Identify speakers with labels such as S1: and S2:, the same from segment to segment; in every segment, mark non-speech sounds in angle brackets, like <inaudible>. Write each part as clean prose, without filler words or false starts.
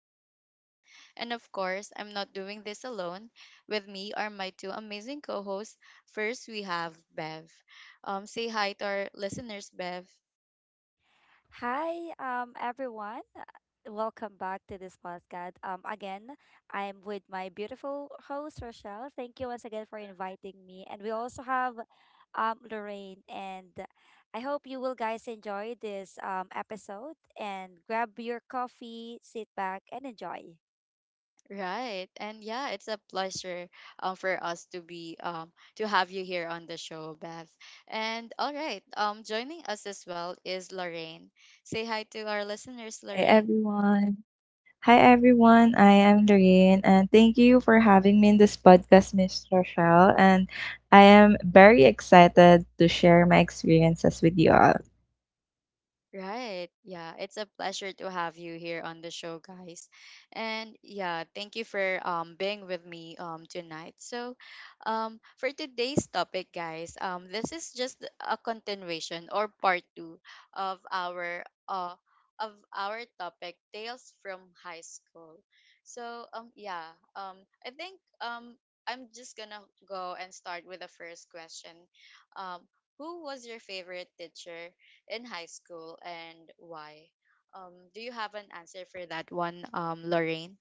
S1: with you guys. And of course, I'm not doing this alone. With me are my two amazing co hosts. First, we have Bev. Say hi to our listeners, Bev.
S2: Hi, everyone. Welcome back to this podcast. Again, I'm with my beautiful host Rochelle. Thank you once again for inviting me, and we also have Lorraine. And I hope you will guys enjoy this episode and grab your coffee, sit back, and enjoy.
S1: Right, and yeah, it's a pleasure for us to be, to have you here on the show, Bev. And all right, joining us as well is Lorraine. Say hi to our
S3: Hi
S1: listeners, Lorraine.
S3: everyone. Hi everyone. I am Doreen and thank you for having me in this podcast, Miss Rochelle. And I am very excited to share my experiences with you all.
S1: Right. Yeah. It's a pleasure to have you here on the show, guys. And yeah, thank you for being with me tonight. So, for today's topic, guys, this is just a continuation or part 2 of our uh of our topic Tales from High School. So, yeah, I'm just going to go and start with the first question. Um who was your favorite teacher in high school and why? Do you have an answer for that one, Lorraine?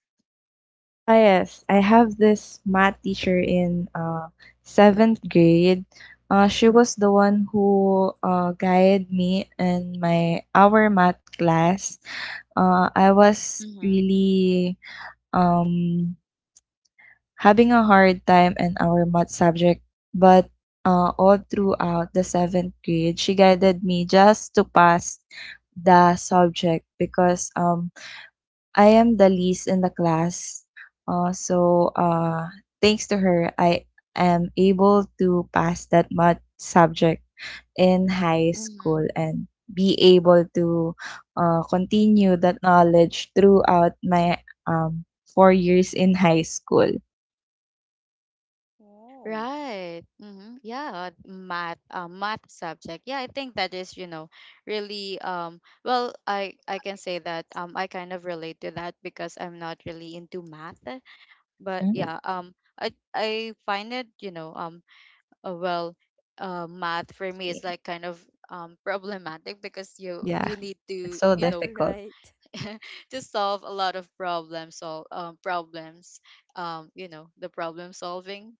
S3: Ah, yes, I have this math teacher in seventh grade. She was the one who guided me in my our math class. I was
S1: Mm-hmm.
S3: really um having a hard time in our math subject, but all throughout the seventh grade, she guided me just to pass the subject because I am the least in the class. So, thanks to her, I am able to pass that math subject in high
S1: Mm-hmm.
S3: school and be able to continue that knowledge throughout my um, 4 years in high school.
S1: Right. Mm-hmm. Yeah, math subject. Yeah, I think that is, you know, really.
S3: Um, well,
S1: I can
S3: okay,
S1: say that
S3: I can say that.
S1: I kind of relate to that because I'm not really into math, but yeah, I find it, you know. Uh, well, Math for me is
S3: Mhm.
S1: like kind of problematic because you
S3: Yeah,
S1: you need
S3: it's
S1: to,
S3: so
S1: you know,
S2: <laughs>
S3: difficult.
S2: Right.
S1: <laughs> to solve a lot of problems, problems, you know, the problem solving,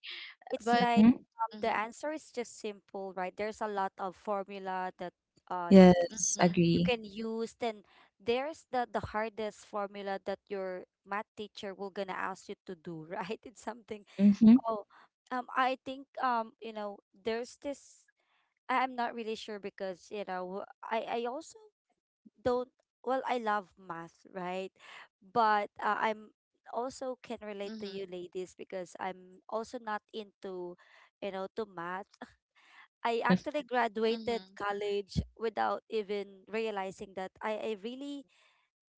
S2: It's
S1: but
S2: like
S3: Hmm.
S2: the
S1: mhm,
S2: answer is just simple, right? There's a lot of formula that uh you
S3: Yes,
S1: mhm,
S2: you
S3: agree.
S2: can use. Then there's the hardest formula that your math teacher will gonna ask you to do, right? <laughs> It's something.
S3: Hmm.
S2: oh I think you know, there's this, I'm not really sure because you know I also don't, well, I love math, right? But I'm also can relate to you
S1: mhm,
S2: ladies because I'm also not into, you know, to math. I actually graduated
S1: mhm,
S2: college without even realizing that I really,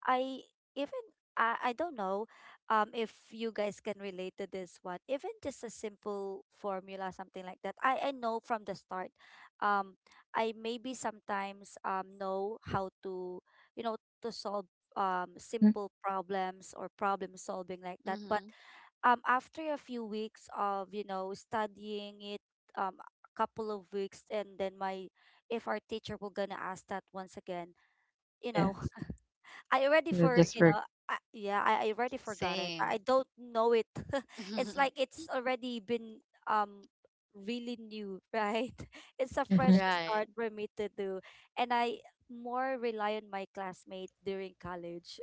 S2: I even I don't know if you guys can relate to this one. Even just a simple formula, something like that. I know from the start. Um I maybe sometimes know how to, you know, to solve simple
S3: <laughs>
S2: problems or problem solving like that. But
S1: mhm.
S2: after a few weeks of, you know, studying it, a couple of weeks, and then my, if our teacher were gonna ask that once again, you know,
S3: Yes,
S2: <laughs> I already
S3: yeah,
S2: for
S3: just
S2: you
S3: work.
S2: know I, yeah I already forgot it. I
S1: Same.
S2: don't know it. <laughs> It's like
S1: <laughs>
S2: it's already been um really new, right? <laughs> It's a
S3: Hmm.
S2: fresh
S1: Right.
S2: start for me to do, and I more rely on my classmate during college.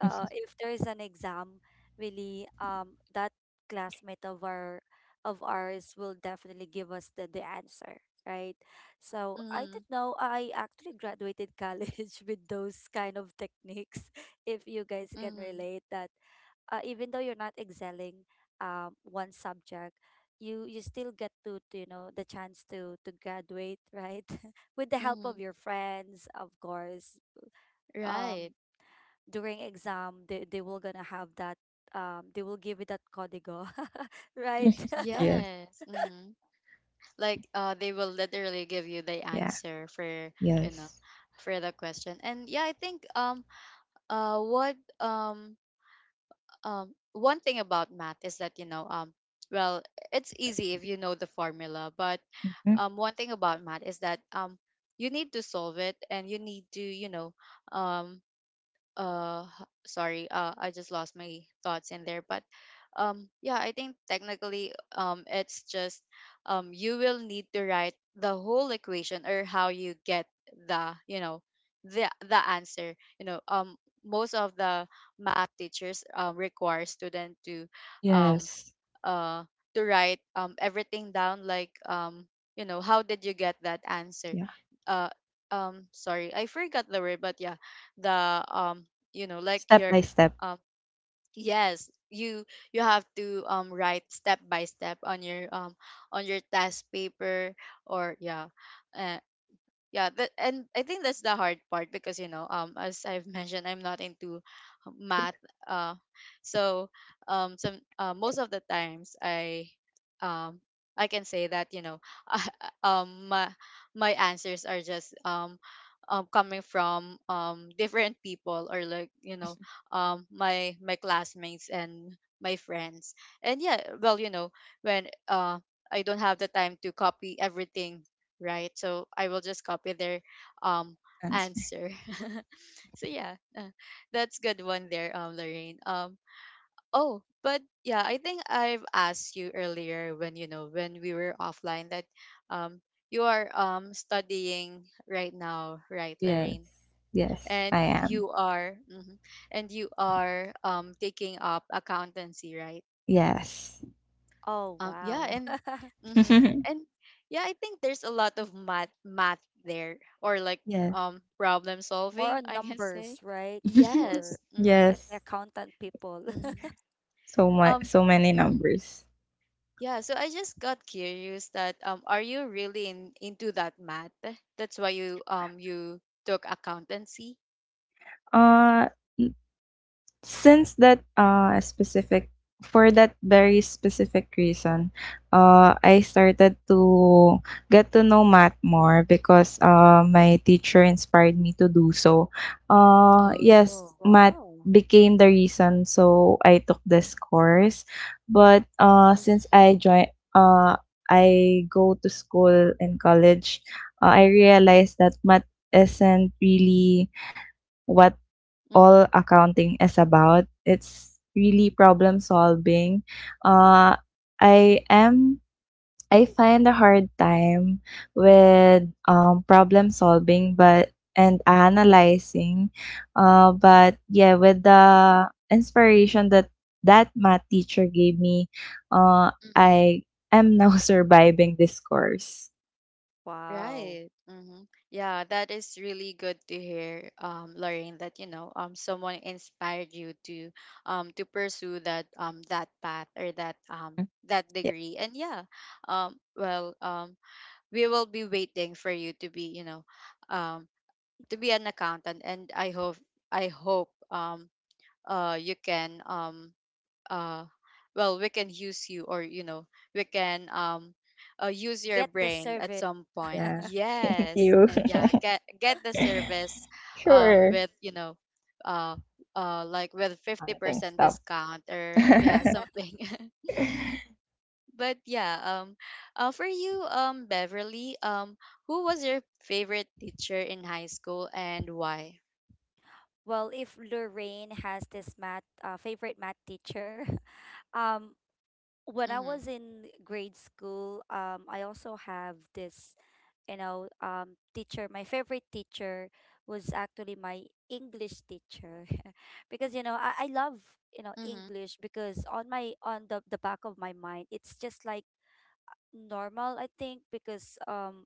S3: <laughs>
S2: If there is an exam, really that classmate of ours will definitely give us the answer, right? So I
S1: Mm-hmm.
S2: didn't know I actually graduated college <laughs> with those kind of techniques. <laughs> If you guys can
S1: Mm-hmm.
S2: relate that, even though you're not excelling one subject, you still get to, you know, the chance to graduate, right? <laughs> With the help
S1: Mm-hmm.
S2: of your friends, of course.
S1: Right.
S2: Um, during exam, they will gonna have that. They will give you that código, <laughs> right? <laughs>
S3: Yes,
S1: Yes. Mm-hmm. Like, they will literally give you the
S3: yeah,
S1: answer for,
S2: Y-
S1: you know
S3: yes,
S1: for the question. And yeah, I think what one thing about math is that, you know, well it's easy if you know the formula, but
S3: mhm,
S1: one thing about math is that you need to solve it, and you need to, you know, um sorry, I just lost my thoughts in there, but yeah, I think technically it's just, you will need to write the whole equation, or how you get the, you know, the answer, you know. Most of the math teachers, require student to, um
S3: yes,
S1: uh to write everything down, like, you know, how did you get that answer.
S3: yeah.
S1: uh Sorry, I forgot the word, but yeah, the you know, like
S3: Step
S1: your,
S3: by step.
S1: um yes, you have to write step by step on your test paper, or yeah, yeah, that. And I think that's the hard part because, you know, as I've <laughs> mentioned, I'm not into
S3: Yeah.
S1: math. uh so some most of the times, um I can say that, you know, <laughs> um my my answers are just, coming from different people, or like, you know, my classmates and my friends. And yeah, well, you know, when, I don't have the time to copy everything, right? So I will just copy their, um
S3: Answer.
S1: answer. <laughs> So yeah, that's good one there, Lorraine. Oh, but yeah, I think I've asked you earlier, when you know when we were offline, that um you are studying right now, right,
S3: Yes.
S1: Lorraine?
S3: Yes,
S1: And
S3: I am.
S1: you are, mhm, and you are taking up accountancy, right?
S3: Yes.
S2: oh
S1: Yeah,
S2: wow.
S1: and
S2: <laughs>
S1: mm-hmm,
S3: <laughs>
S1: and yeah, I think there's a lot of math there, or like
S3: Yes.
S1: problem
S2: More
S1: solving,
S2: on
S1: I can
S2: numbers,
S1: say.
S2: right?
S3: <laughs>
S1: Yes.
S2: For the, a-
S1: Mm-hmm.
S2: the
S3: Yes.
S2: accountant people.
S1: Mm-hmm.
S2: <laughs>
S3: so much
S1: Um
S3: so many
S1: mhm.
S3: numbers.
S1: Yeah, so I just got curious that, are you really in into that math? That's why you took accountancy?
S3: Uh Since that uh specific for that very specific reason, I
S1: Mm-hmm.
S3: started to get to know math more because my teacher inspired me to do so. Yes,
S1: Oh.
S3: math
S2: Wow.
S3: became the reason so I took this course. But
S1: Mm-hmm.
S3: since I joined I go to school and college, I realized that math isn't really what all
S1: Mm-hmm.
S3: accounting is about. It's really problem solving. Uh, I am I find a hard time with problem solving, but and analyzing. But yeah, with the inspiration that that math teacher gave me, I am now <laughs> surviving this course.
S2: Wow.
S1: Right. Yeah, that is really good to hear, Lorraine, that, you know, someone inspired you to pursue that, that path, or that,
S3: Mm,
S1: that
S3: yeah.
S1: degree. And yeah, well, we will be waiting for you to be, you know, um, to be an accountant, and I hope, you can, uh well, we can use you, or you know we can, use your
S2: Get the
S1: brain at
S2: service.
S1: some point,
S3: Yeah. <laughs> Thank
S1: yes,
S3: you.
S1: and yeah, get the service
S3: <laughs> Sure.
S1: with, you know, uh like, with
S3: I think
S1: 50%
S3: stop.
S1: discount,
S3: <laughs>
S1: or yeah, something. <laughs> But yeah, for you, Beverly, who was your favorite teacher in high school and why?
S2: Well, if Lorraine has this math favorite math teacher, <laughs> um, when I
S1: Mhm.
S2: was in grade school, I also have this, you know, teacher. My favorite teacher was actually my English teacher, <laughs> because you know I love, you know,
S1: Mhm.
S2: English, because on my, on the back of my mind, it's just like normal, I think, because um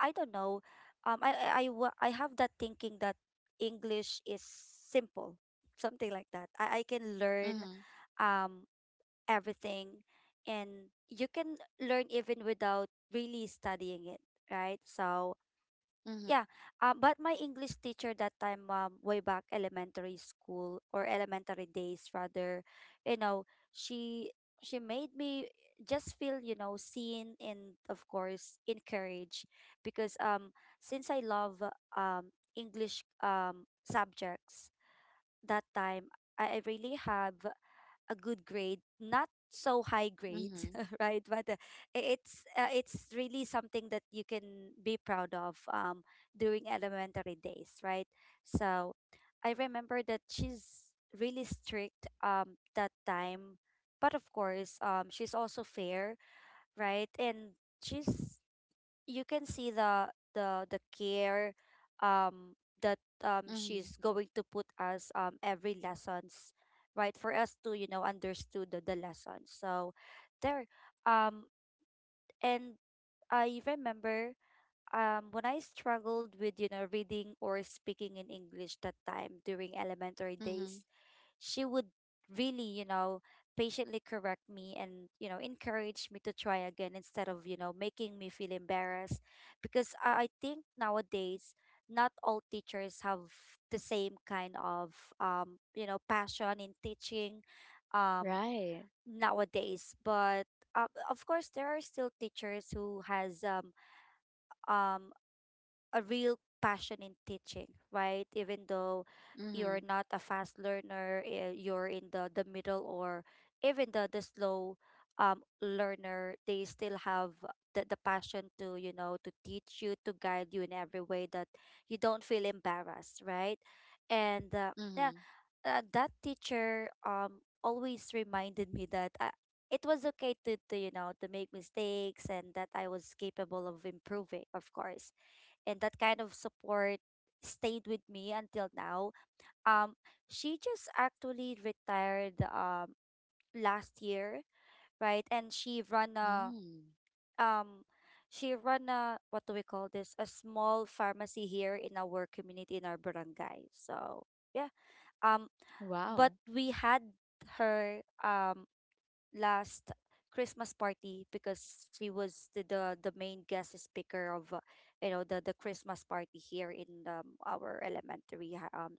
S2: i don't know, I have that thinking that English is simple, something like that. I can learn
S1: Mhm.
S2: um everything, and you can learn even without really studying it, right? So
S1: Mhm.
S2: yeah, but my English teacher that time, way back elementary school, or elementary days rather, you know, she she made me just feel, you know, seen and of course encouraged, because since I love English subjects that time, I really have a good grade, not so high grades,
S1: Mhm.
S2: <laughs> right? But it's really something that you can be proud of during elementary days, right? So I remember that she's really strict that time, but of course she's also fair, right? And she's, you can see the care um that
S1: Mhm.
S2: she's going to put us every lessons, right, for us to, you know, understood the lesson. So there um and I remember when I struggled with, you know, reading or speaking in English that time during elementary days,
S1: Mhm.
S2: she would really, you know, patiently correct me and, you know, encourage me to try again instead of, you know, making me feel embarrassed. Because I think nowadays, not all teachers have the same kind of, you know, passion in teaching um,
S1: Right.
S2: nowadays. But of course, there are still teachers who has um, a real passion in teaching, right? Even though you're
S1: Mhm.
S2: not a fast learner, eh, you're in the middle, or even the slow learner, they still have the passion to, you know, to teach you, to guide you in every way that you don't feel embarrassed, right? And yeah,
S1: Mhm.
S2: that teacher always reminded me that I, it was okay to, you know, to make mistakes and that I was capable of improving, of course, and that kind of support stayed with me until now. Um, she just actually retired last year, right? And she run a
S1: Mm.
S2: um what do we call this? A small pharmacy here in our community in our barangay. So yeah. Um, but
S1: Wow.
S2: we had her last Christmas party because she was the main guest speaker of you know, the Christmas party here in our elementary hi- um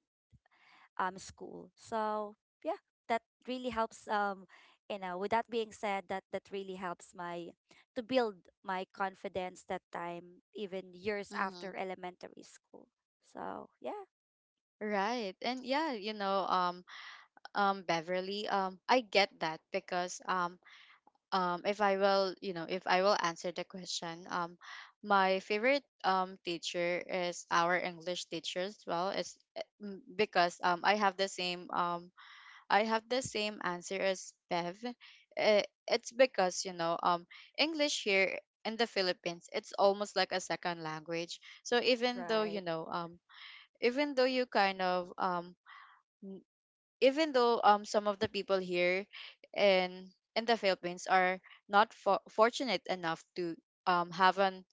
S2: um school. So yeah, that really helps. You know, with that being said, that that really helps my to build my confidence that time, even years
S1: Mm-hmm.
S2: after elementary school. So yeah,
S1: Right. And yeah, you know, Beverly, I get that because, if I will, you know, if I will answer the question, my favorite teacher is our English teacher as well, because I have the same answer as Bev. It's because, you know, English here in the Philippines, it's almost like a second language. So
S2: right.
S1: even though you kind of, um, even though, some of the people here in the Philippines are not for- fortunate enough to, have an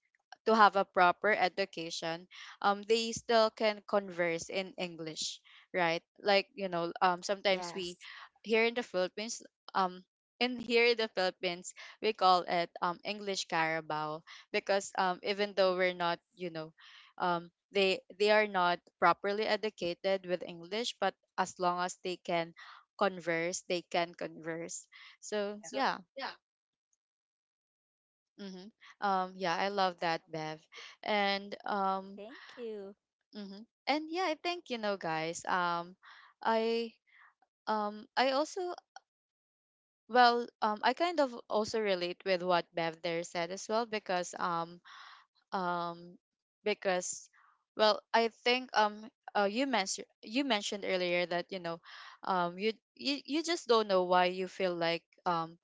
S1: to have a proper education, they still can converse in English, right? Like, you know, sometimes we
S2: Yes,
S1: here in the Philippines, um, in here in the Philippines, we call it English Carabao because, even though we're not, you know, they are not properly educated with English, but as long as they can converse, they can converse. So yeah. Mm-hmm. Yeah, I love that, Bev. And,
S2: thank you.
S1: mm-hmm. And yeah, I think, you know, guys. I I also, I kind of also relate with what Bev there said as well because, um because, well, I think, you mentioned earlier that, you know, you just don't know why you feel like, um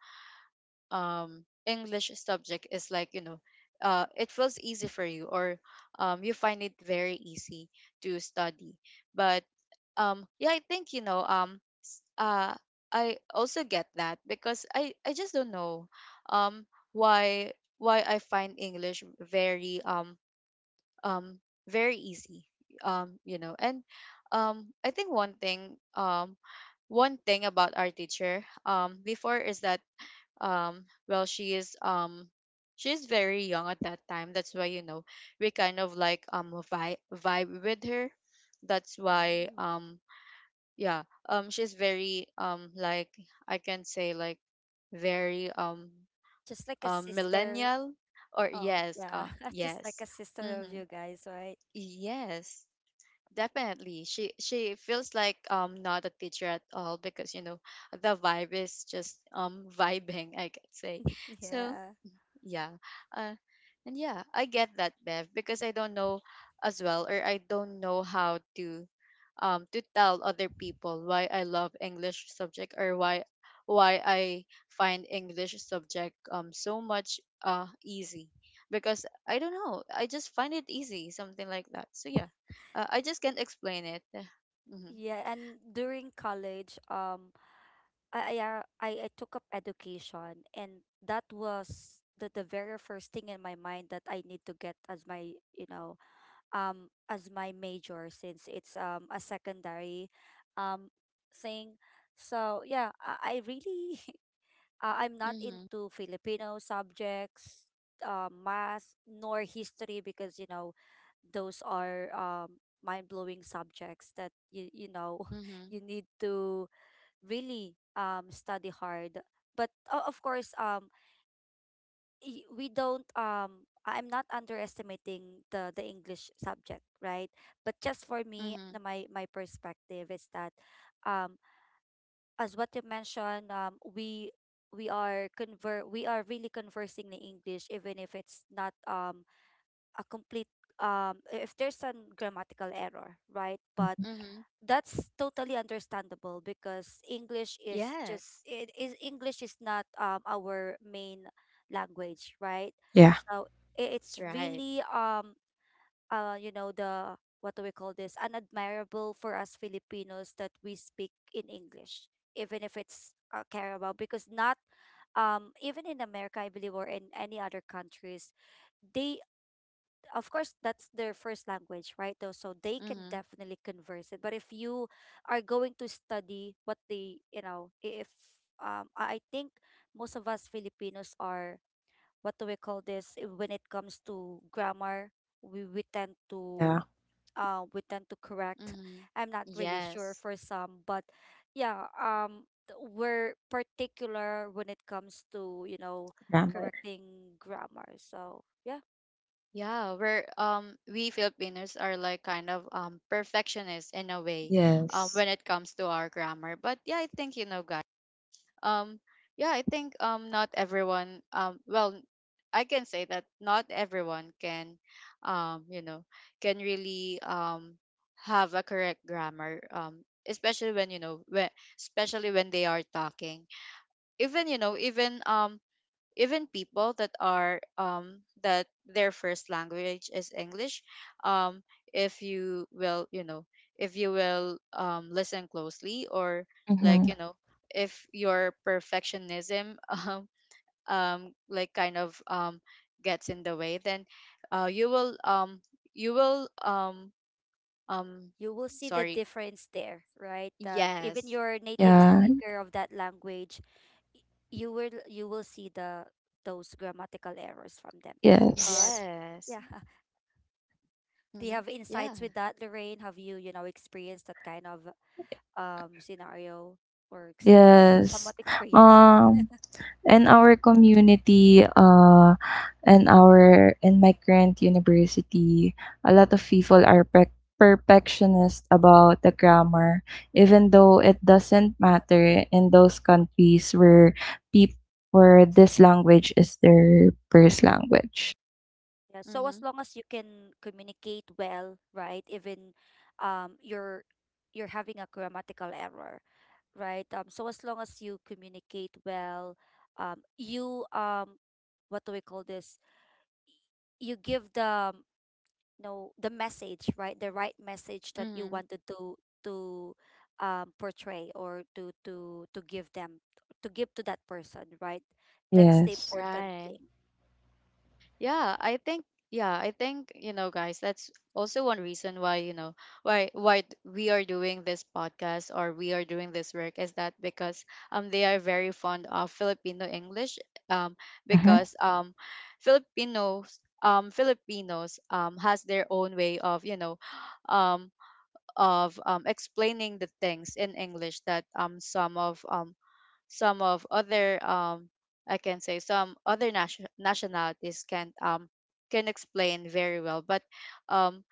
S1: um English subject is like, you know, it feels easy for you, or you find it very easy to study, but yeah, I think, you know, I also get that because I just don't know, um why why I find English very, um very easy, you know, and I think, one thing about our teacher before is that, um well she is um she's very young at that time, that's why, you know, we kind of like vibe with her, that's why,
S2: Mm.
S1: yeah. She's very, like, I can say, like, very,
S2: Just like a sister.
S1: millennial, or
S2: Oh,
S1: yes,
S2: yeah. <laughs> Just like
S1: yes.
S2: a sister of
S1: Mm-hmm.
S2: you guys, right?
S1: Yes. Definitely, she feels like, not a teacher at all because, you know, the vibe is just, vibing, I could say.
S2: <laughs>
S1: So
S2: Yeah.
S1: yeah. Uh, and yeah, I get that, Bev, because I don't know as well, or I don't know how to, to tell other people why I love English subject, or why I find English subject so much, easy, because I don't know, I just find it easy, something like that. So yeah, I just can't explain it. Mm-hmm.
S2: Yeah, and during college, I took up education, and that was the very first thing in my mind that I need to get as my, you know, um, as my major since it's a secondary um thing. So yeah, I really <laughs> uh, I'm not
S1: Mm-hmm.
S2: into Filipino subjects, math, nor history, because you know those are mind-blowing subjects that you know
S1: Mm-hmm.
S2: <laughs> you need to really study hard. But of course, we don't. I'm not underestimating the English subject, right? But just for me,
S1: Mm-hmm.
S2: my my perspective is that um, as what you mentioned, we are conver we are really conversing in English, even if it's not a complete if there's a grammatical error, right? But
S1: Mm-hmm.
S2: that's totally understandable because English is just
S1: Yes.
S2: it is English is not our main language, right? So it's
S1: Right.
S2: really you know, the, what do we call this? Unadmirable for us Filipinos that we speak in English, even if it's Carabao, because not even in America, I believe, or in any other countries, they, of course, that's their first language, right? Though, so they can
S1: Mm-hmm.
S2: definitely converse it. But if you are going to study what they, you know, if I think most of us Filipinos are, what do we call this, when it comes to grammar, we tend to correct.
S1: Mm-hmm.
S2: I'm not really sure
S1: Yes.
S2: for some, but yeah, we're particular when it comes to, you know, correcting grammar. So yeah,
S1: Yeah, we Filipinos are like kind of, perfectionists in a way, when it comes to our grammar. But yeah, I think, you know, guys. Um yeah, I think, not everyone, I can say that not everyone can, you know, can really, have a correct grammar, especially when, especially when they are talking. Even, you know, even people that are, that their first language is english, um if you will, you know, if you will, listen closely, or like, you know, if your perfectionism <laughs> like, kind of, gets in the way, then, you will, you will, um
S2: you will see the
S1: sorry.
S2: difference there, right? That even
S1: Yes.
S2: your native
S1: Mm-hmm.
S2: speaker of that language, y- you will see the those grammatical errors from them. But
S1: Yes.
S2: yeah, <laughs> do you
S1: Mm-hmm.
S2: have
S1: Yeah.
S2: insights with that, Lorraine? Have you, you know, experienced that kind of scenario or yeah,
S3: Yes.
S2: somewhat experience it.
S3: Um, in our community, and our in my current university, a lot of people are perfectionist about the grammar, even though it doesn't matter in those countries people where this language is their first language.
S2: Yeah. So
S1: Mm-hmm.
S2: as long as you can communicate well, right? Even um you're you're having a grammatical error, right? So as long as you communicate well, you what do we call this? You give the, know the message, right, the right message that you
S1: Mm-hmm.
S2: wanted to portray or to give them, to give to that person, right? That's the important
S1: Right.
S2: thing.
S1: Yeah, I think yeah, I think, you know, guys, that's also one reason why, we are doing this podcast or we are doing this work, is that because they are very fond of Filipino English um because Filipinos has their own way of, you know, um of explaining the things in English that some of other I can say some other nationalities can explain very well. But um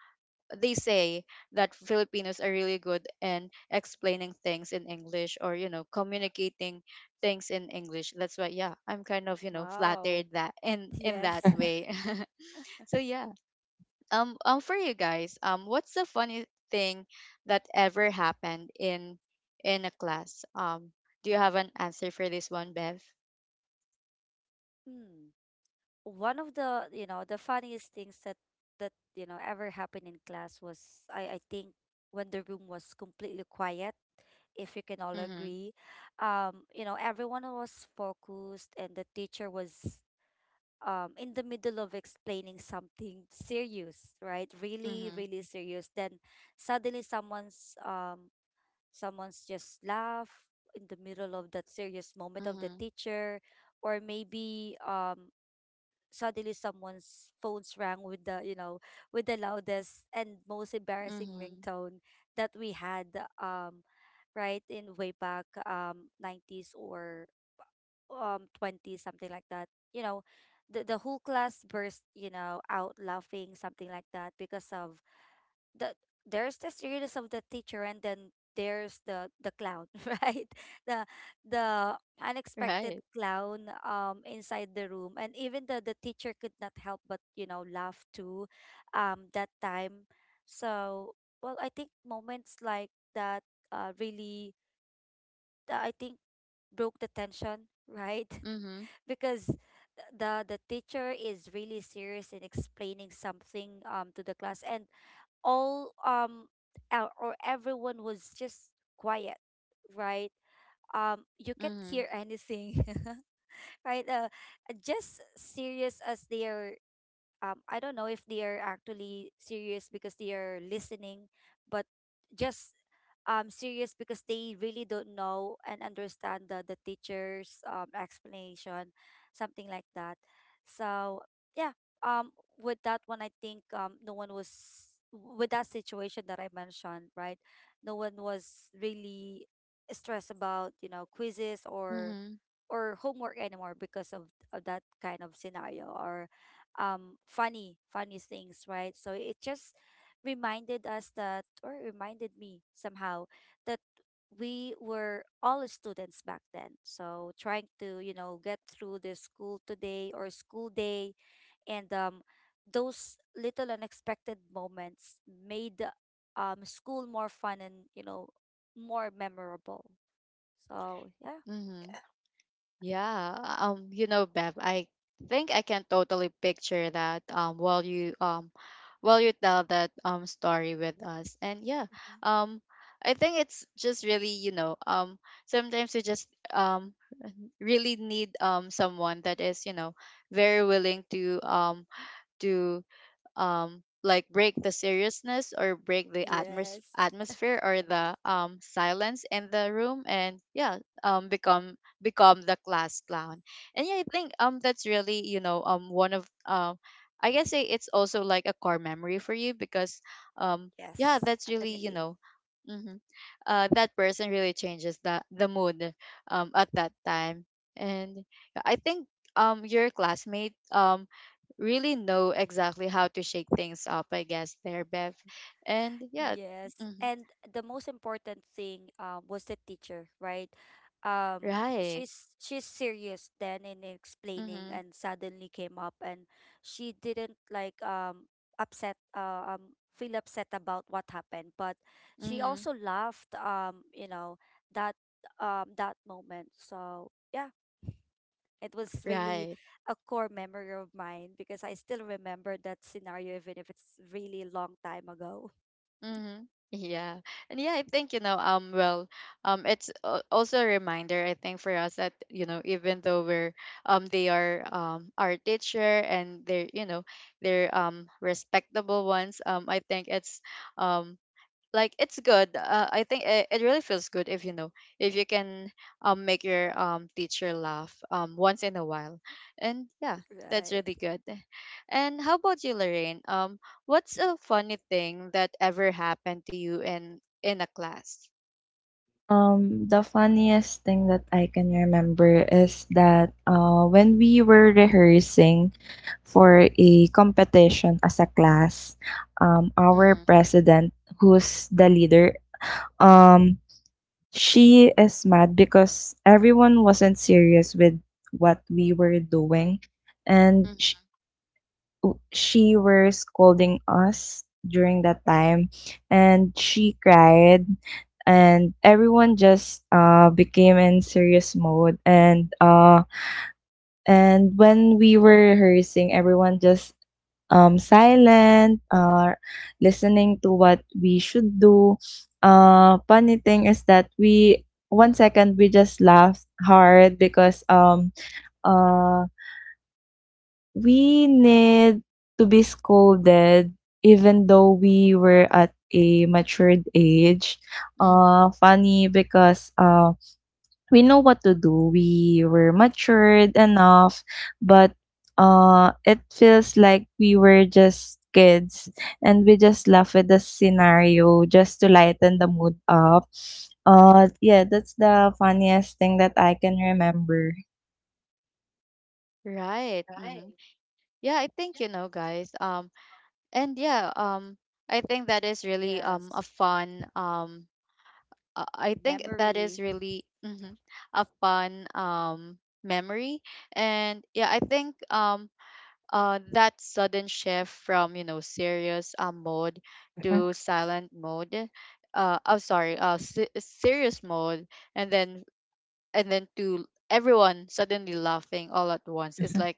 S1: they say that Filipinos are really good in explaining things in English, or you know, communicating things in English. That's why, yeah, I'm kind of, you know,
S2: Wow.
S1: flattered that in that
S2: Yes. <laughs>
S1: way. <laughs> So yeah. For you guys, what's the funny thing that ever happened in a class? Do you have an answer for this one, Bev?
S2: Hmm. One of the, you know, the funniest things that that, you know, ever happened in class was, I think when the room was completely quiet, if you can all
S1: Mhm.
S2: agree. You know, everyone was focused, and the teacher was in the middle of explaining something serious, right? Really,
S1: Mhm.
S2: really serious. Then suddenly someone's just laugh in the middle of that serious moment of the
S1: Mhm.
S2: teacher, or maybe suddenly someone's phones rang with the loudest and most embarrassing
S1: Mhm.
S2: ringtone that we had, um, right in way back, 90s, or 20 something like that. you know the whole class burst out laughing, something like that, because of the there's the seriousness of the teacher, and then there's the clown <laughs> right? The the
S1: Right.
S2: unexpected clown inside the room, and even the teacher could not help but laugh too, that time. So, well, I think moments like that really, I think, broke the tension <laughs> right,
S1: Mhm.
S2: because the teacher is really serious in explaining something to the class, and all um or everyone was just quiet, right? You can't
S1: Mhm.
S2: hear anything <laughs> right, just serious as they are. I don't know if they are actually serious because they are listening, but just serious because they really don't know and understand the teacher's explanation, something like that. So, yeah, um, with that one, I think, no one was, with that situation that I mentioned, right? No one was really stressed about, quizzes, or
S1: Mhm.
S2: homework anymore, because of that kind of scenario, or funny things, right? So it just reminded us that, or reminded me somehow, that we were all students back then, so trying to get through the school today, or school day, and those little unexpected moments made school more fun, and more memorable. So yeah.
S1: Mhm. Yeah. You know Bev, I think I can totally picture that while you tell that story with us. And yeah,
S2: Mhm.
S1: um I think it's just really, you know, sometimes we just um really need someone that is, you know, very willing to to like break the seriousness or break the
S2: Yes.
S1: atmosphere or the silence in the room. And yeah, become become the class clown. And yeah, I think that's really, you know, one of I guess it's also like a core memory for you because um yeah,
S2: Yes,
S1: that's really, you
S2: definitely.
S1: know. Hmm. That person really changes the mood at that time. And yeah, I think your classmate really know exactly how to shake things up, I guess, there, Bev. And yeah.
S2: Yes,
S1: Hmm.
S2: and the most important thing was the teacher, right?
S1: Right.
S2: She's serious then in explaining,
S1: Mm-hmm.
S2: and suddenly came up, and she didn't like upset feel upset about what happened, but she
S1: Mm-hmm.
S2: also laughed, that that moment. So yeah. It was really
S1: Right.
S2: a core memory of mine because I still remember that scenario, even if it's really long time ago.
S1: Mm-hmm. Yeah. And yeah, I think, you know, well, it's also a reminder, I think, for us that, you know, even though they are, our teacher, and they're, you know, they're, respectable ones, I think it's, um, like it's good. I think it really feels good if you know, if you can make your teacher laugh once in a while. And yeah, that's
S2: Right.
S1: really good. And how about you, Lorraine? What's a funny thing that ever happened to you in a class?
S3: The funniest thing that I can remember is that, when we were rehearsing for a competition as a class, our
S1: Mm-hmm.
S3: president, who's the leader, um, she is mad because everyone wasn't serious with what we were doing, and sh-
S1: Mm-hmm.
S3: w- she were scolding us during that time, and she cried, and everyone just became in serious mode, and when we were rehearsing, everyone just silent, listening to what we should do. Funny thing is that we, one second, we just laughed hard because uh we need to be scolded even though we were at a matured age.
S1: Mm-hmm.
S3: Funny because we know what to do. We were matured enough, but it feels like we were just kids and we just laugh at the scenario just to lighten the mood up. Yeah, that's the funniest thing that I can remember.
S1: Right. Mm-hmm. Yeah, I think, you know, guys, and yeah I think that is really a
S2: Yes.
S1: fun I think that is
S2: Memory.
S1: really, mhm, a fun memory. And yeah, I think that sudden shift from, you know, serious mode to silent mode. Uh, oh sorry, serious mode, and then and then to everyone suddenly laughing all at once is like,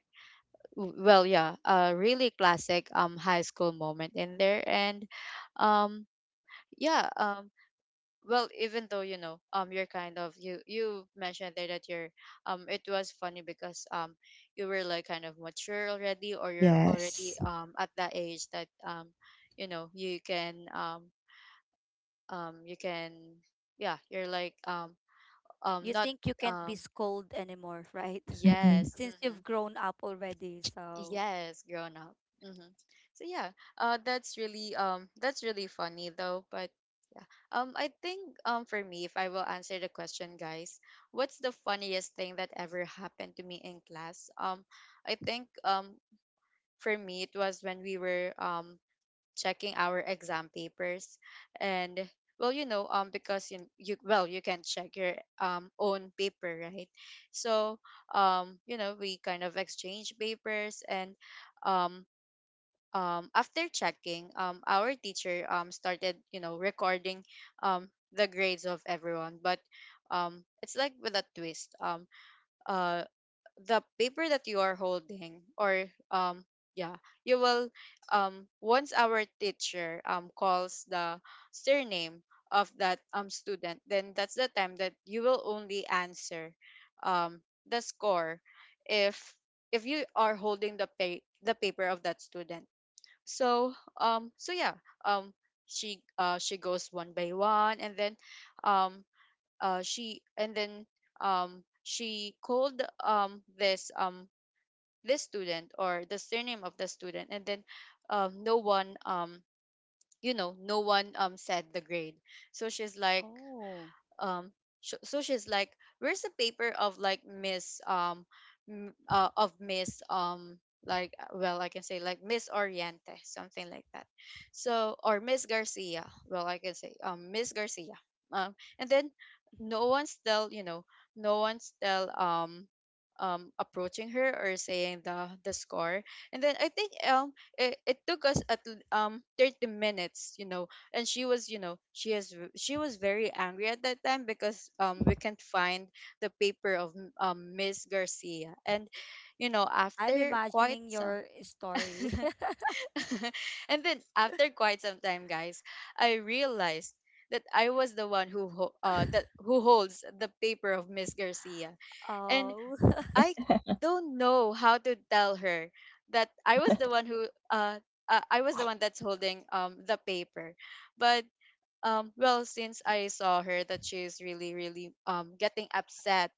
S1: well, yeah, a really classic high school moment in there. And um yeah. Well, even though, you know, you're kind of, you mentioned there that you're it was funny because you were like kind of mature already, or you're already at that age that you know you can you can, yeah, you're like
S2: You
S1: not
S2: think you can't be
S1: um
S2: scolded anymore, right? <laughs>
S1: yes.
S2: Since you've
S1: Mm-hmm.
S2: grown up already. So,
S1: Yes, grown up. Mm-hmm. So yeah, that's really funny, though. But I think, for me, if I will answer the question, guys, what's the funniest thing that ever happened to me in class? I think for me it was when we were checking our exam papers. And well, you know, because you, well, you can check your own paper, right? So you know, we kind of exchange papers. And um after checking, our teacher started, you know, recording the grades of everyone. But it's like with a twist. Uh, the paper that you are holding, or um, yeah, you will once our teacher calls the surname of that student, then that's the time that you will only answer um, the score, if if you are holding the pay the paper of that student. So so yeah. um she goes one by one, and then um uh she and then she called this this student, or the surname of the student, and then no one you know, no one said the grade. So she's like
S2: oh.
S1: um so she's like, where's the paper of like Miss of Miss like well, I can say like Miss Oriente, something like that. So, or Miss Garcia, well I can say Miss Garcia. And then
S2: Mhm.
S1: no one's still, you know, no one's still approaching her or saying the score. And then I think it, it took us at 30 minutes, you know. And she was, you know, she she was very angry at that time because we can't find the paper of Miss Garcia. And you know,
S2: I'm
S1: after quite
S2: imagining
S1: some
S2: your story.
S1: <laughs>
S2: <laughs>
S1: and then after quite some time, guys, I realized that I was the one who that who holds the paper of Miss Garcia. And
S2: Oh. <laughs>
S1: I don't know how to tell her that I was the one who uh, I was the one that's holding the paper. But well, since I saw her that she's really really getting upset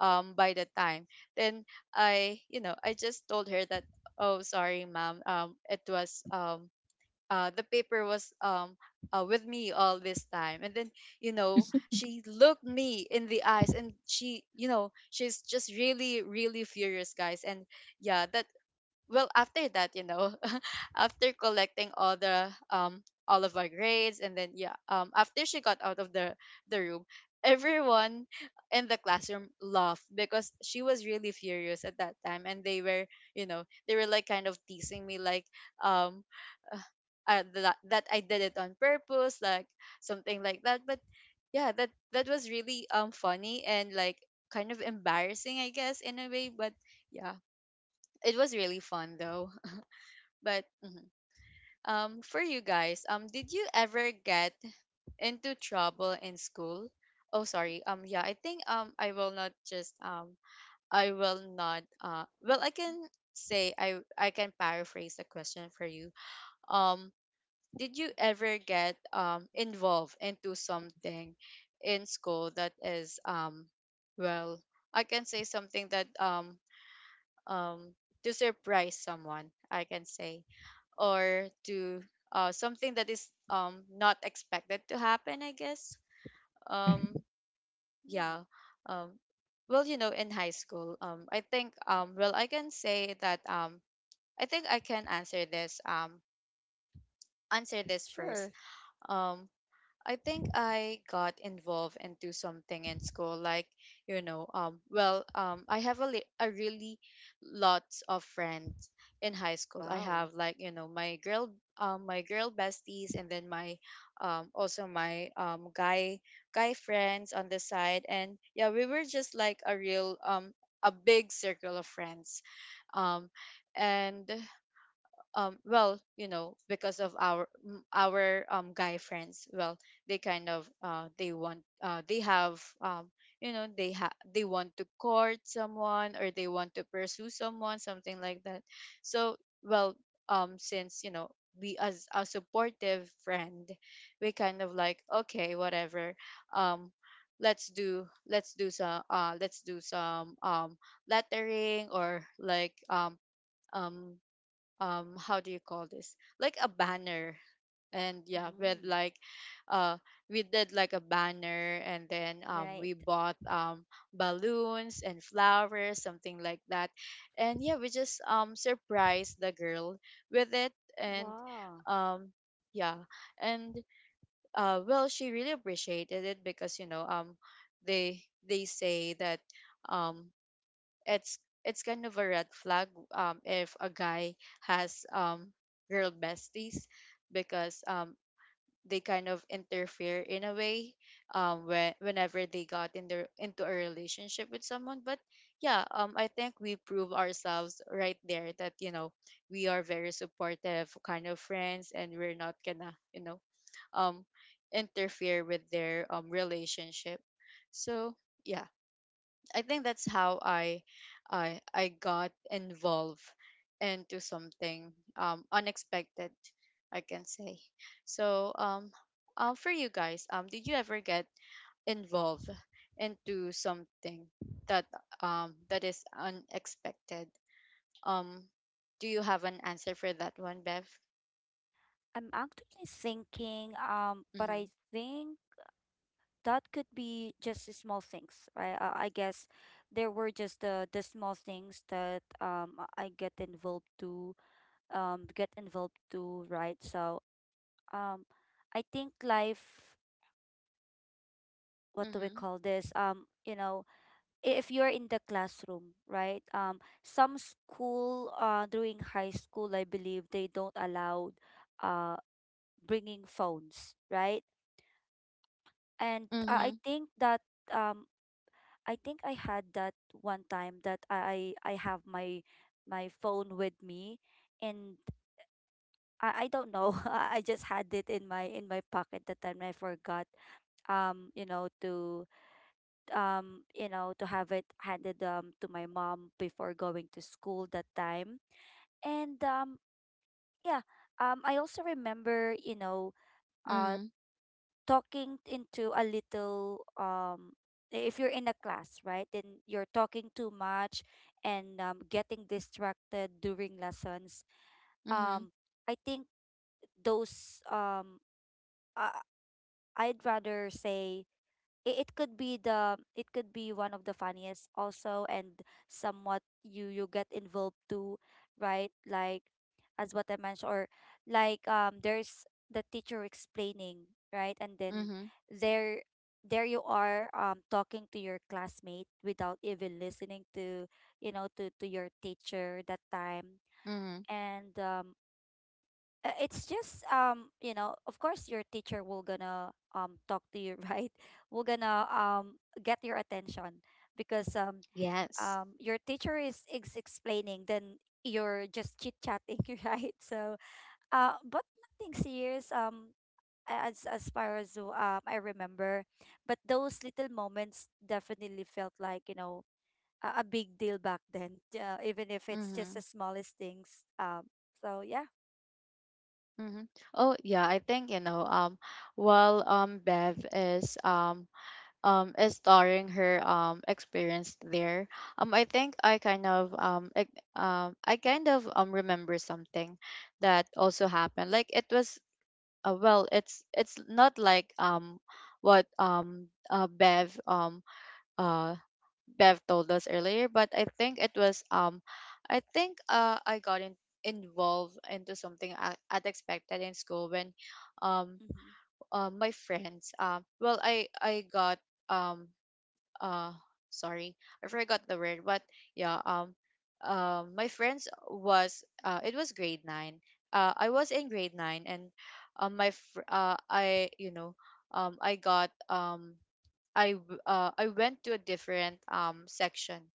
S1: by the time, then I, you know, I just told her that, oh sorry, ma'am, it was the paper was with me all this time. And then you know, she looked me in the eyes and she, you know, she's just really really furious, guys. And yeah, that, well, after that, you know, <laughs> after collecting all the all of our grades, and then yeah, after she got out of the room, everyone in the classroom laughed because she was really furious at that time. And they were, you know, they were like kind of teasing me like um uh, that I did it on purpose, like something like that. But yeah, that that was really funny and like kind of embarrassing, I guess, in a way. But yeah, it was really fun, though. But mhm. For you guys, did you ever get into trouble in school? Oh, sorry. Yeah, I think, I will not well, I can say I can paraphrase the question for you. Um, did you ever get involved into something in school that is well, I can say something that um to surprise someone, I can say, or to something that is not expected to happen, I guess. um,
S2: Hmm.
S1: yeah. um, well, you know, in high school, I think, well, I can say that, I think I can answer this, answer this first.
S2: Sure.
S1: um, I think I got involved into something in school. Like, you know, I have a a really lots of friends in high school. I
S2: Wow.
S1: have, like, you know, my girl besties, and then my, also my guy friends on the side. And yeah, we were just like a real a big circle of friends. um, and well, you know, because of our guy friends, well, they kind of they have you know, they they want to court someone, or they want to pursue someone, something like that. So, well, since, you know, we as a supportive friend, we kind of like, okay, whatever, um let's do some lettering, or like um how do you call this, like a banner. And yeah, with
S2: Mm.
S1: like uh we did like a banner. And then
S2: Right.
S1: we bought balloons and flowers, something like that. And yeah, we just surprised the girl with it. And
S2: Wow.
S1: um yeah. And well, she really appreciated it because, you know, they they say that um it's it's kind of a red flag if a guy has girl besties, because they kind of interfere in a way whenever they got in their into a relationship with someone. But yeah, I think we prove ourselves right there that, you know, we are very supportive kind of friends, and we're not gonna, you know, um interfere with their relationship. So yeah, I think that's how I got involved into something unexpected, I can say. So for you guys, did you ever get involved into something that that is unexpected? Um do you have an answer for that one, Bev?
S2: I'm actually thinking, but I
S1: Mhm.
S2: think that could be just the small things, right? I guess there were just the small things that I get involved to, right? So, um, I think life, what do we
S1: Mhm.
S2: call this? If you're in the classroom, right? Some school during high school, I believe they don't allow uh bringing phones, right? And I
S1: Mhm.
S2: think that, um I had that one time that I have my phone with me, and I don't know <laughs> I just had it in my pocket that time. I forgot um you know to to have it handed to my mom before going to school that time, and yeah. I also remember, uh
S1: Mhm.
S2: talking into a little, if you're in a class, right? Then you're talking too much, and, getting distracted during lessons.
S1: Mhm.
S2: um I think those, uh, I'd rather say it could be, one of the funniest also, and somewhat you get involved too, right? Like, as what I mentioned, or like, there's the teacher explaining, right? And then,
S1: Mhm.
S2: there there you are talking to your classmate without even listening to your teacher that time,
S1: Mhm.
S2: and it's just, of course your teacher will gonna talk to you <laughs> right? Will gonna get your attention, because
S1: Yes.
S2: your teacher is explaining, then you're just chit chatting <laughs> right? So, but nothing serious, as far as I remember, but those little moments definitely felt like, a big deal back then, even if it's just the
S1: Mhm.
S2: smallest things. So yeah.
S1: Mm-hmm. Oh yeah, I think you know. While Bev is starring her experience there, I think I kind of I kind of remember something that also happened. Like it was well, it's not like what Bev uh Bev told us earlier. But I think it was I think involved into something unexpected in school when um my friends well I got um uh sorry, I forgot the word. But yeah my friends was, it was grade nine. I was in grade nine. And I, you know, I got I went to a different section,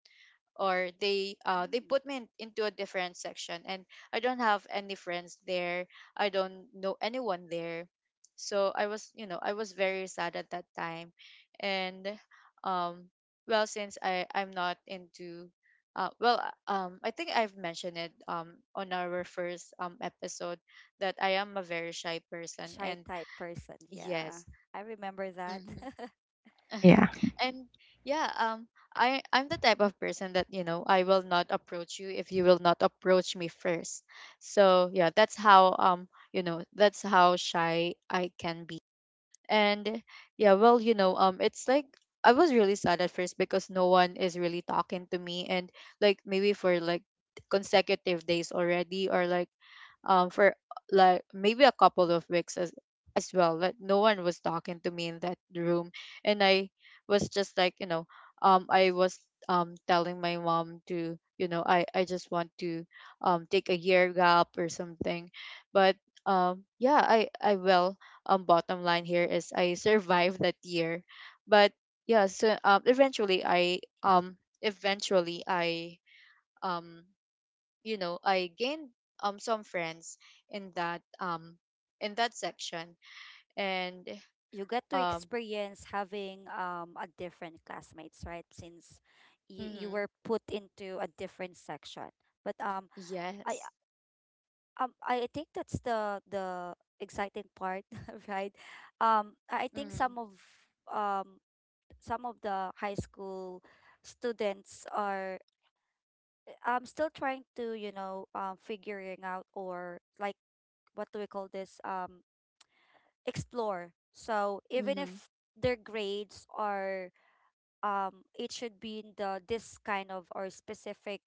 S1: or they
S2: Mm-hmm.
S1: put me in, into a different section. And I don't have any friends there. I don't know anyone there. So I was, you know, I was very sad at that time. And um well since I'm not into I think I've mentioned it on our first episode that I am a very shy person
S2: Shy
S1: and
S2: type person. Yeah,
S1: yes.
S2: I remember that.
S1: Mm-hmm. <laughs>
S2: <laughs>
S1: Uh-huh. And yeah, I'm the type of person that you know I will not approach you if you will not approach me first. So yeah, that's how you know, that's how shy I can be. And yeah, well, you know, it's like I was really sad at first because no one is really talking to me. And like maybe for like consecutive days already, or like for like maybe a couple of weeks as well, like no one was talking to me in that room. And I was just like, you know, I was telling my mom to you know I just want to take a year gap or something. But yeah, I will, bottom line here is I survived that year. But yeah, so eventually I eventually I, um you know, I gained some friends in that um in that section. And
S2: You get to
S1: um
S2: experience having a different classmates, right? Since you
S1: hmm,
S2: were put into a different section. But, I
S1: yes.
S2: I think that's the exciting part, <laughs> right? I think
S1: Mm-hmm,
S2: some of um the high school students are still trying to, figuring out, or like, what do we call this, explore. So even
S1: mm-hmm,
S2: if their grades are, it should be in the this kind of, or specific,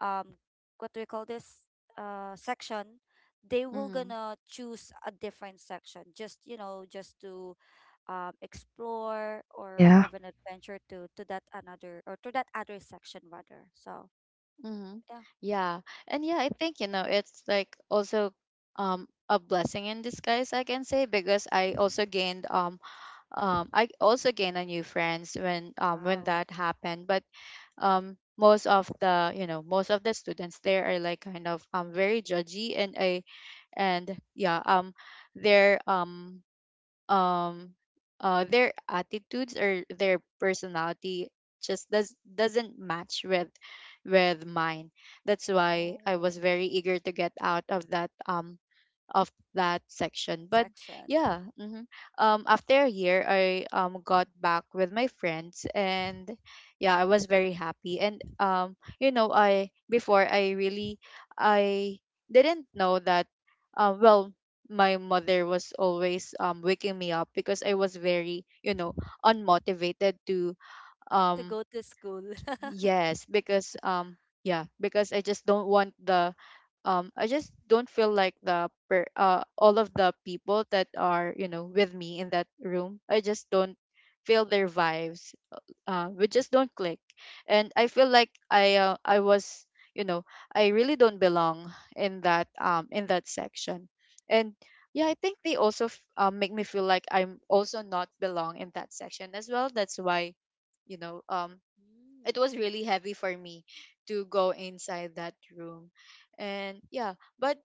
S2: um what do we call this, section, they will
S1: mm-hmm,
S2: gonna choose a different section just, just to, explore, or have an adventure to that another or to that other section rather. So
S1: mm-hmm.
S2: yeah.
S1: Yeah, and yeah, I think, you know, it's like also a blessing in disguise, I can say, because I
S2: Mhm.
S1: also gained I also gained a new friends when
S2: Wow.
S1: that happened. But most of the you know most of the students there are like kind of very judgy. And I, and yeah, their um um their attitudes or their personality just doesn't match with mine. That's why I
S2: Oh,
S1: was very eager to get out of that section. But
S2: section
S1: yeah, hmm, after a year, I got back with my friends, and yeah, I was very happy. And you know, I before I really I didn't know that. Uh, well, my mother was always waking me up because I was very, you know, unmotivated to
S2: to
S1: um
S2: go to school. <laughs>
S1: Yes, because yeah, because I just don't want the I just don't feel like all of the people that are, you know, with me in that room. I just don't feel their vibes. We just don't click. And I feel like I was, you know, I really don't belong in that section. And yeah, I think they also make me feel like I'm also not belong in that section as well. That's why, you know, it was really heavy for me to go inside that room. And yeah, but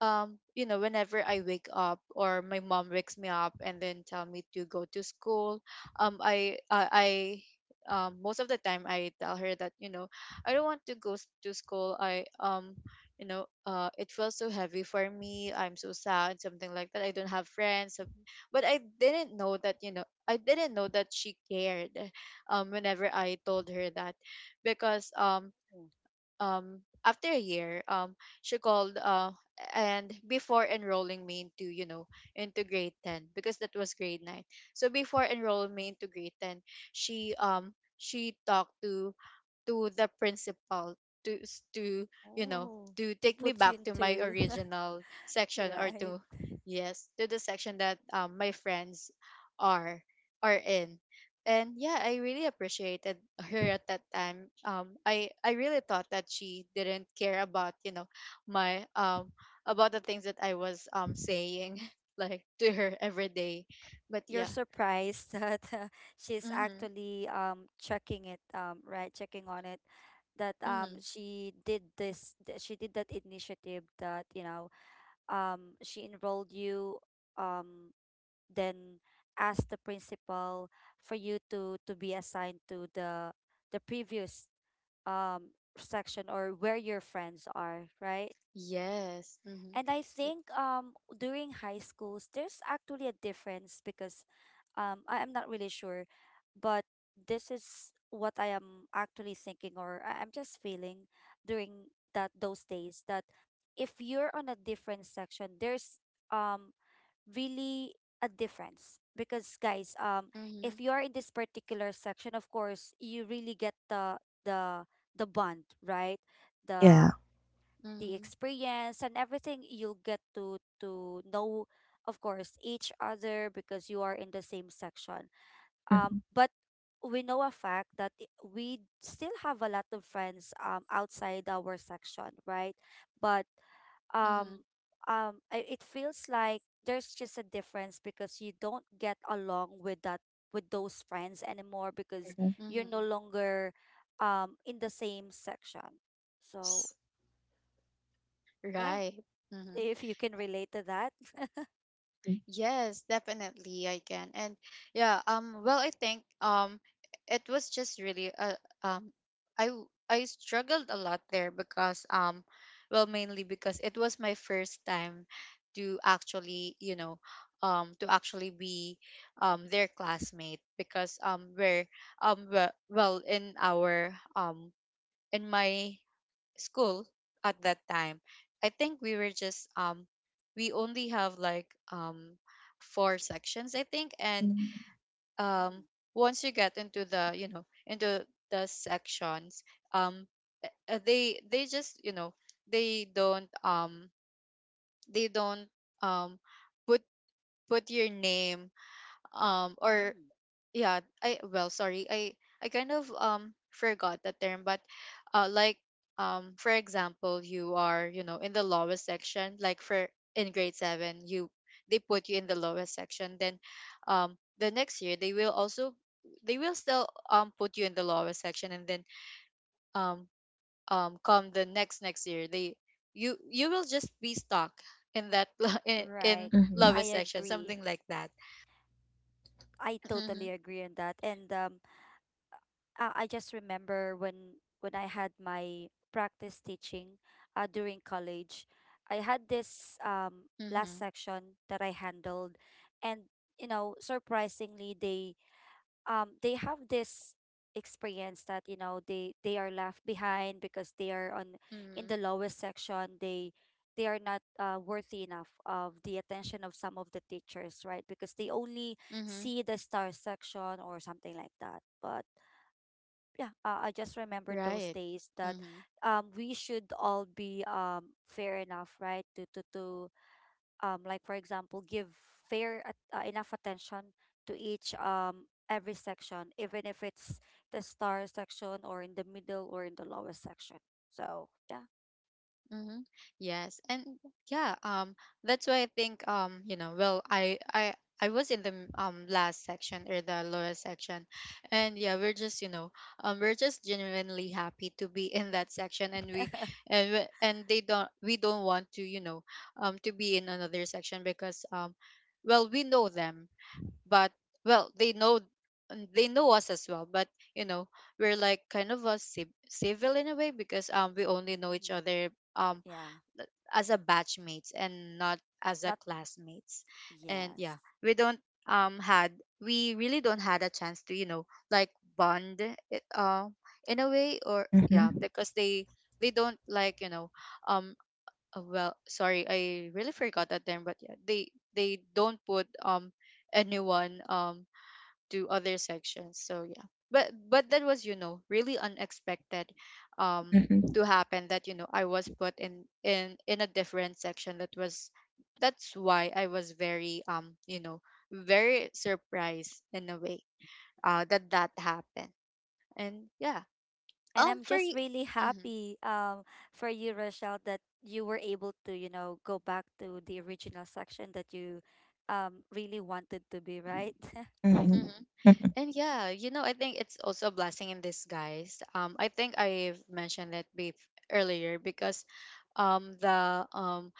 S1: you know, whenever I wake up, or my mom wakes me up and then tell me to go to school, um i i, I most of the time I tell her that, you know, I don't want to to school. I you know, it feels so heavy for me, I'm so sad, something like that, I don't have friends, so- but I didn't know that, you know, I didn't know that she cared whenever I told her that. Because
S2: Mm.
S1: after a year, she called, and before enrolling me into, you know, into grade 10, because that was grade 9. So before enrolling me into grade 10, she talked to the principal, to, you know,
S2: Oh,
S1: to
S2: to
S1: take me
S2: put you
S1: back to my
S2: into. <laughs>
S1: original section or
S2: Right.
S1: to, yes, to the section that, my friends are are in. And yeah, I really appreciated her at that time. I really thought that she didn't care about, you know, my about the things that I was saying <laughs> like to her every day. But
S2: You're
S1: yeah,
S2: surprised <laughs> that, she's
S1: mm-hmm,
S2: actually checking on it, that
S1: mm-hmm.
S2: she did that initiative, that she enrolled you, um then asked the principal for you to be assigned to the previous, section, or where your friends are, right?
S1: Yes, mm-hmm,
S2: And I think, during high schools there's actually a difference, because, I am not really sure, but this is what I am actually thinking, or I'm just feeling, during that those days, that if you're on a different section, there's, um really a difference, because guys,
S1: mm-hmm,
S2: if you are in this particular section, of course you really get the, the the bond, right, the the
S1: mm-hmm.
S2: experience and everything. You'll get to know, of course, each other, because you are in the same section, but we know a fact that, we still have a lot of friends outside our section, right? But, um
S1: Mhm,
S2: it feels like there's just a difference, because you don't get along with that with those friends anymore, because you're no
S1: mhm.
S2: longer in the same section. So yeah,
S1: Right. Mhm.
S2: if you can relate to that. <laughs>
S1: Yes, definitely I can. And yeah, well I think it was just really um I I struggled a lot there because well mainly because it was my first time to actually, you know, to actually be their classmate. Because well in our in my school at that time, I think we were just we only have like um four sections I think. And um
S2: Mm.
S1: once you get into the you know into the sections, um they just, you know, they don't um they don't um put put your name or
S2: Mm.
S1: yeah, I well sorry, I kind of forgot that term. But like for example, you are, you know, in the lowest section, like for in grade 7, you they put you in the lowest section. Then the next year they will also, they will still put you in the lowest section. And then um come the next next year, they you you will just be stuck in that <laughs>
S2: Right.
S1: in
S3: Mhm.
S2: I
S1: lowest section,
S2: agree.
S1: something like that.
S2: I totally
S1: Mhm,
S2: agree on that. And, I just remember when I had my practice teaching, during college, I had this, last
S1: mhm,
S2: section that I handled, and, surprisingly, they, have this experience that, they are left behind because they are on, in
S1: mhm,
S2: the lowest section. They are not, worthy enough of the attention of some of the teachers, right? Because they only
S1: mhm.
S2: see the star section or something like that. But yeah, I just remember those
S1: Right.
S2: days that,
S1: Mm-hmm.
S2: we should all be, fair enough, right, to like, for example, give fair, enough attention to each, every section, even if it's the star section, or in the middle, or in the lowest section. So yeah.
S1: Mm-hmm. Yes. And yeah, that's why I think you know, I was in the last section or the lower section. And yeah, we're just, you know, we're just genuinely happy to be in that section. And we and they don't we don't want to, you know, to be in another section. Because well, we know them, but well they know, they know us as well, but you know, we're like kind of a civil in a way, because we only know each
S2: Mm.
S1: other um
S2: Yeah.
S1: as a batchmates and not as a
S2: Not.
S1: classmates. And yeah,
S2: Yes.
S1: we don't had we really don't had a chance to, you know, like bond it, in a way, or yeah, because they don't, like, you know, um well sorry, I really forgot that term. But yeah, they don't put anyone to other sections. So yeah, but that was, you know, really unexpected um to happen, that you know I was put in a different section. That was, that's why I was very, you know, very surprised in a way that that happened. And yeah,
S2: And
S1: um
S2: I'm
S1: for
S2: just
S1: y-
S2: really
S1: Mhm,
S2: happy, for you, Rochelle, that you were able to, go back to the original section that you, really wanted to be, right? <laughs>
S1: mhm. And yeah, you know, I think it's also a blessing in disguise. I think I've mentioned it earlier, because um the um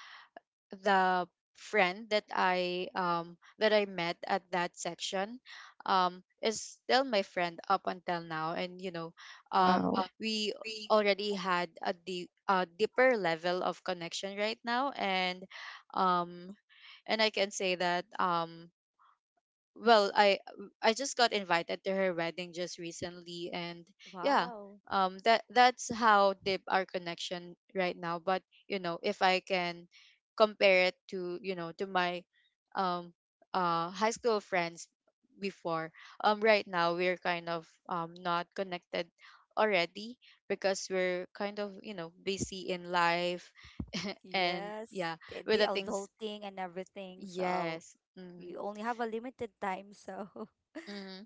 S1: the friend that I met at that section is still my friend up until now. And you know, um we already had a deep, a deeper level of connection right now. And um and I can say that well, I just got invited to her wedding just recently. And yeah,
S2: Wow.
S1: that that's how deep our connection right now. But you know, if I can compare it to, you know, to my um high school friends before, right now we're kind of not connected already. Because we're kind of, you know, busy in life. <laughs> And
S2: Yes,
S1: yeah,
S2: the,
S1: with
S2: the
S1: the things,
S2: adulting and everything, so
S1: yes, mm-hmm,
S2: you only have a limited time, so. <laughs>
S1: mm-hmm.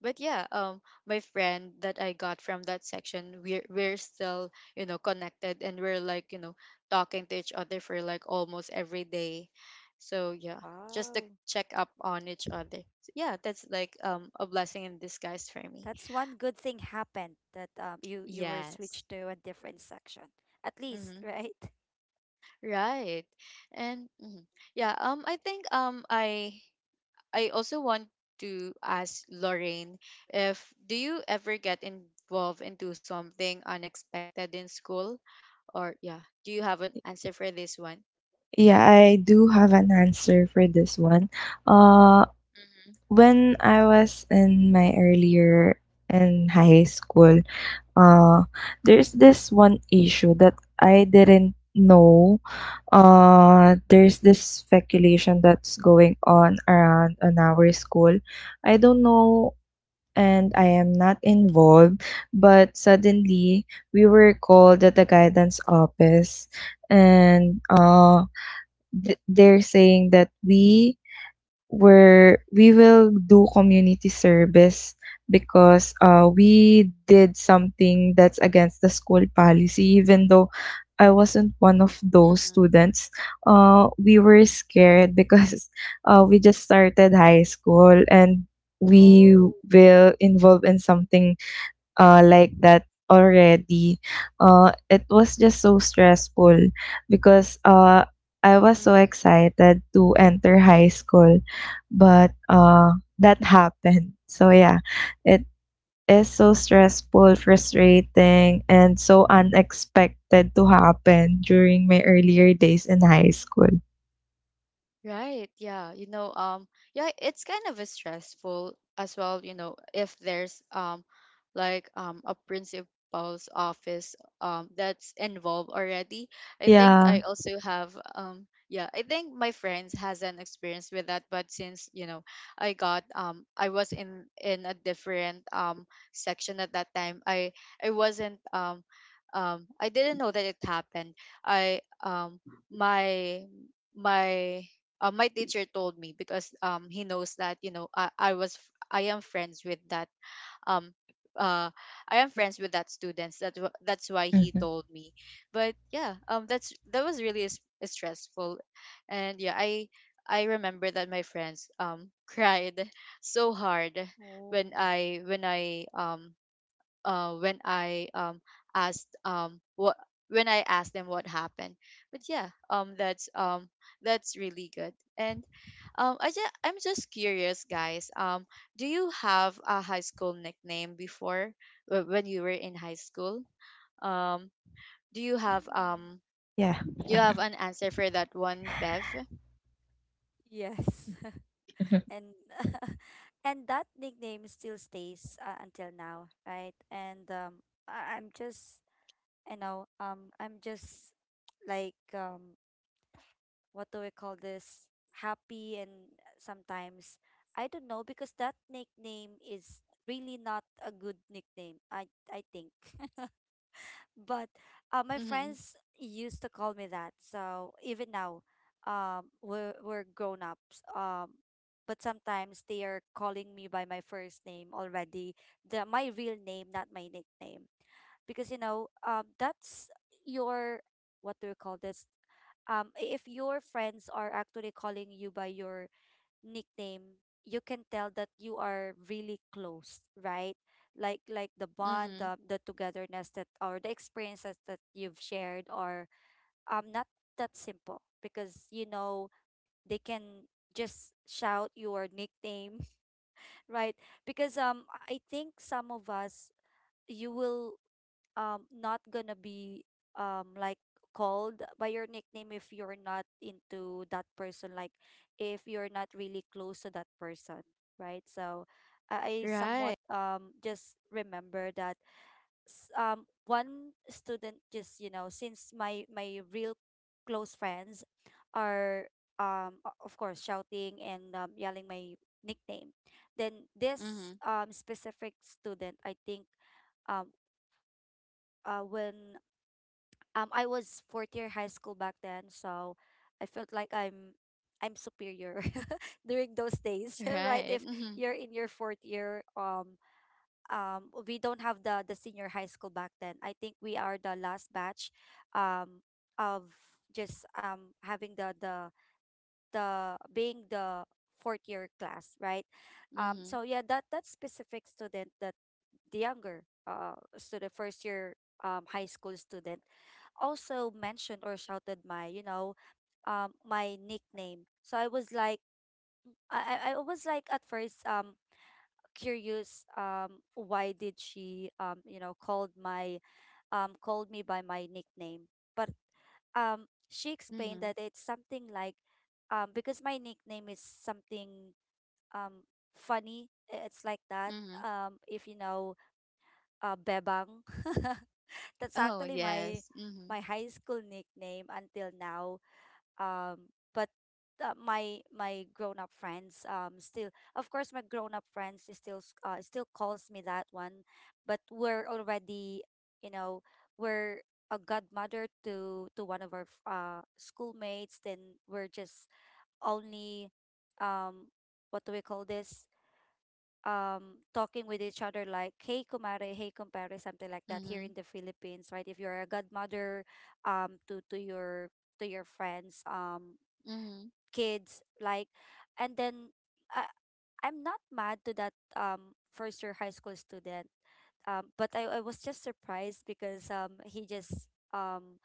S1: But yeah, my friend that I got from that section, we're still, you know, connected, and we're, like, you know, talking to each other for like almost every day. So yeah, just to
S2: Wow.
S1: check up on each other. So yeah, that's like a blessing in disguise for me.
S2: That's one good thing happened, that you were
S1: Yes.
S2: switched to a different section, at least,
S1: Mm-hmm.
S2: <laughs> right?
S1: Right. And mhm. Yeah, I think I I also want to ask Lorraine if do you ever get involved into something unexpected in school, or yeah, do you have an answer for this one?
S3: Yeah, I do have an answer for this one. Uh,
S1: Mm-hmm,
S3: when I was in my earlier in high school, uh, there's this one issue that I didn't know. There's this speculation that's going on around on our school. I don't know, and I am not involved, but suddenly we were called at the guidance office, and they're saying that we will do community service because we did something that's against the school policy, even though I wasn't one of those students. We were scared because <laughs> we just started high school, and we will involve in something like that already. It was just so stressful because I was so
S1: mm-hmm.
S3: excited to enter high school, but that happened. So yeah, it is so stressful, frustrating, and so unexpected to happen during my earlier days in high school.
S1: Right. Yeah. You know, yeah, it's kind of a stressful as well, you know, if there's like a principal's office that's involved already. I think
S3: Yeah.
S1: I also have yeah, I think my friends has an experience with that. But since, you know, I got I was in a different section at that time. I wasn't I didn't know that it happened. I my my my teacher told me because he knows that, you know, I was I am friends with that um uh I am friends with that students that that's why he told me. But yeah, that's, that was really stressful. And yeah, I remember that my friends <laughs> cried so hard when
S2: Oh.
S1: I asked what when I asked them what happened. But yeah, that's really good. And I just, I'm just curious, guys. Do you have a high school nickname before when you were in high school? Um, do you have
S2: Mm.
S1: um, do you have an answer for that one, Bev?
S2: Yes. <laughs> And <laughs> and that nickname still stays, until now, right? And I'm just, you know, I'm just like, what do we call this, happy and sometimes I don't know because that nickname is really not a good nickname, I think. But, my
S1: Mm-hmm.
S2: friends used to call me that. So even now, we're grown ups. But sometimes they are calling me by my first name already, the my real name, not my nickname, because, that's your, what do you call this? If your friends are actually calling you by your nickname, you can tell that you are really close, right? Like the bond,
S1: Mm-hmm.
S2: the togetherness, that, or the experiences that you've shared, are, not that simple, because, they can just shout your nickname, <laughs> right? Because, I think some of us, you will, not gonna be, like, called by your nickname if you're not into that person, like if you're not really close to that person, right. So, I somewhat,
S1: Right.
S2: just remember that, one student just, since my real close friends are, of course, shouting and, yelling my nickname, then this,
S1: Mm-hmm.
S2: specific student, I think, um when, I was fourth year high school back then. So I felt like I'm superior <laughs> during those days, <laughs> right?
S1: Right.
S2: If
S1: Mm-hmm.
S2: you're in your fourth year, we don't have the senior high school back then. I think we are the last batch, um of just, having the being the fourth year class, right?
S1: Mm-hmm.
S2: So yeah, that specific student, that the younger, student, first year, high school student, also mentioned or shouted my, my nickname. So I was like at first, curious, why did she, called me by my nickname. But she
S1: Mm-hmm.
S2: explained that it's something like because my nickname is something um it's like that,
S1: Mm-hmm.
S2: if you know, bebang <laughs> that's
S1: Oh
S2: actually my
S1: yes. Mm-hmm.
S2: my high school nickname until now. But my my grown up friends still, of course, my grown up friends still calls me that one, but we're already, you know, we're a godmother to one of our schoolmates, then we're just only, um what do we call this, talking with each other like, hey kumare, hey compare, something like that here
S1: Mm-hmm.
S2: in the Philippines, right? If you're a godmother to your to your friends,
S1: Mm-hmm.
S2: kids, like. And then I I'm not mad to that first year high school student. But I was just surprised because he just um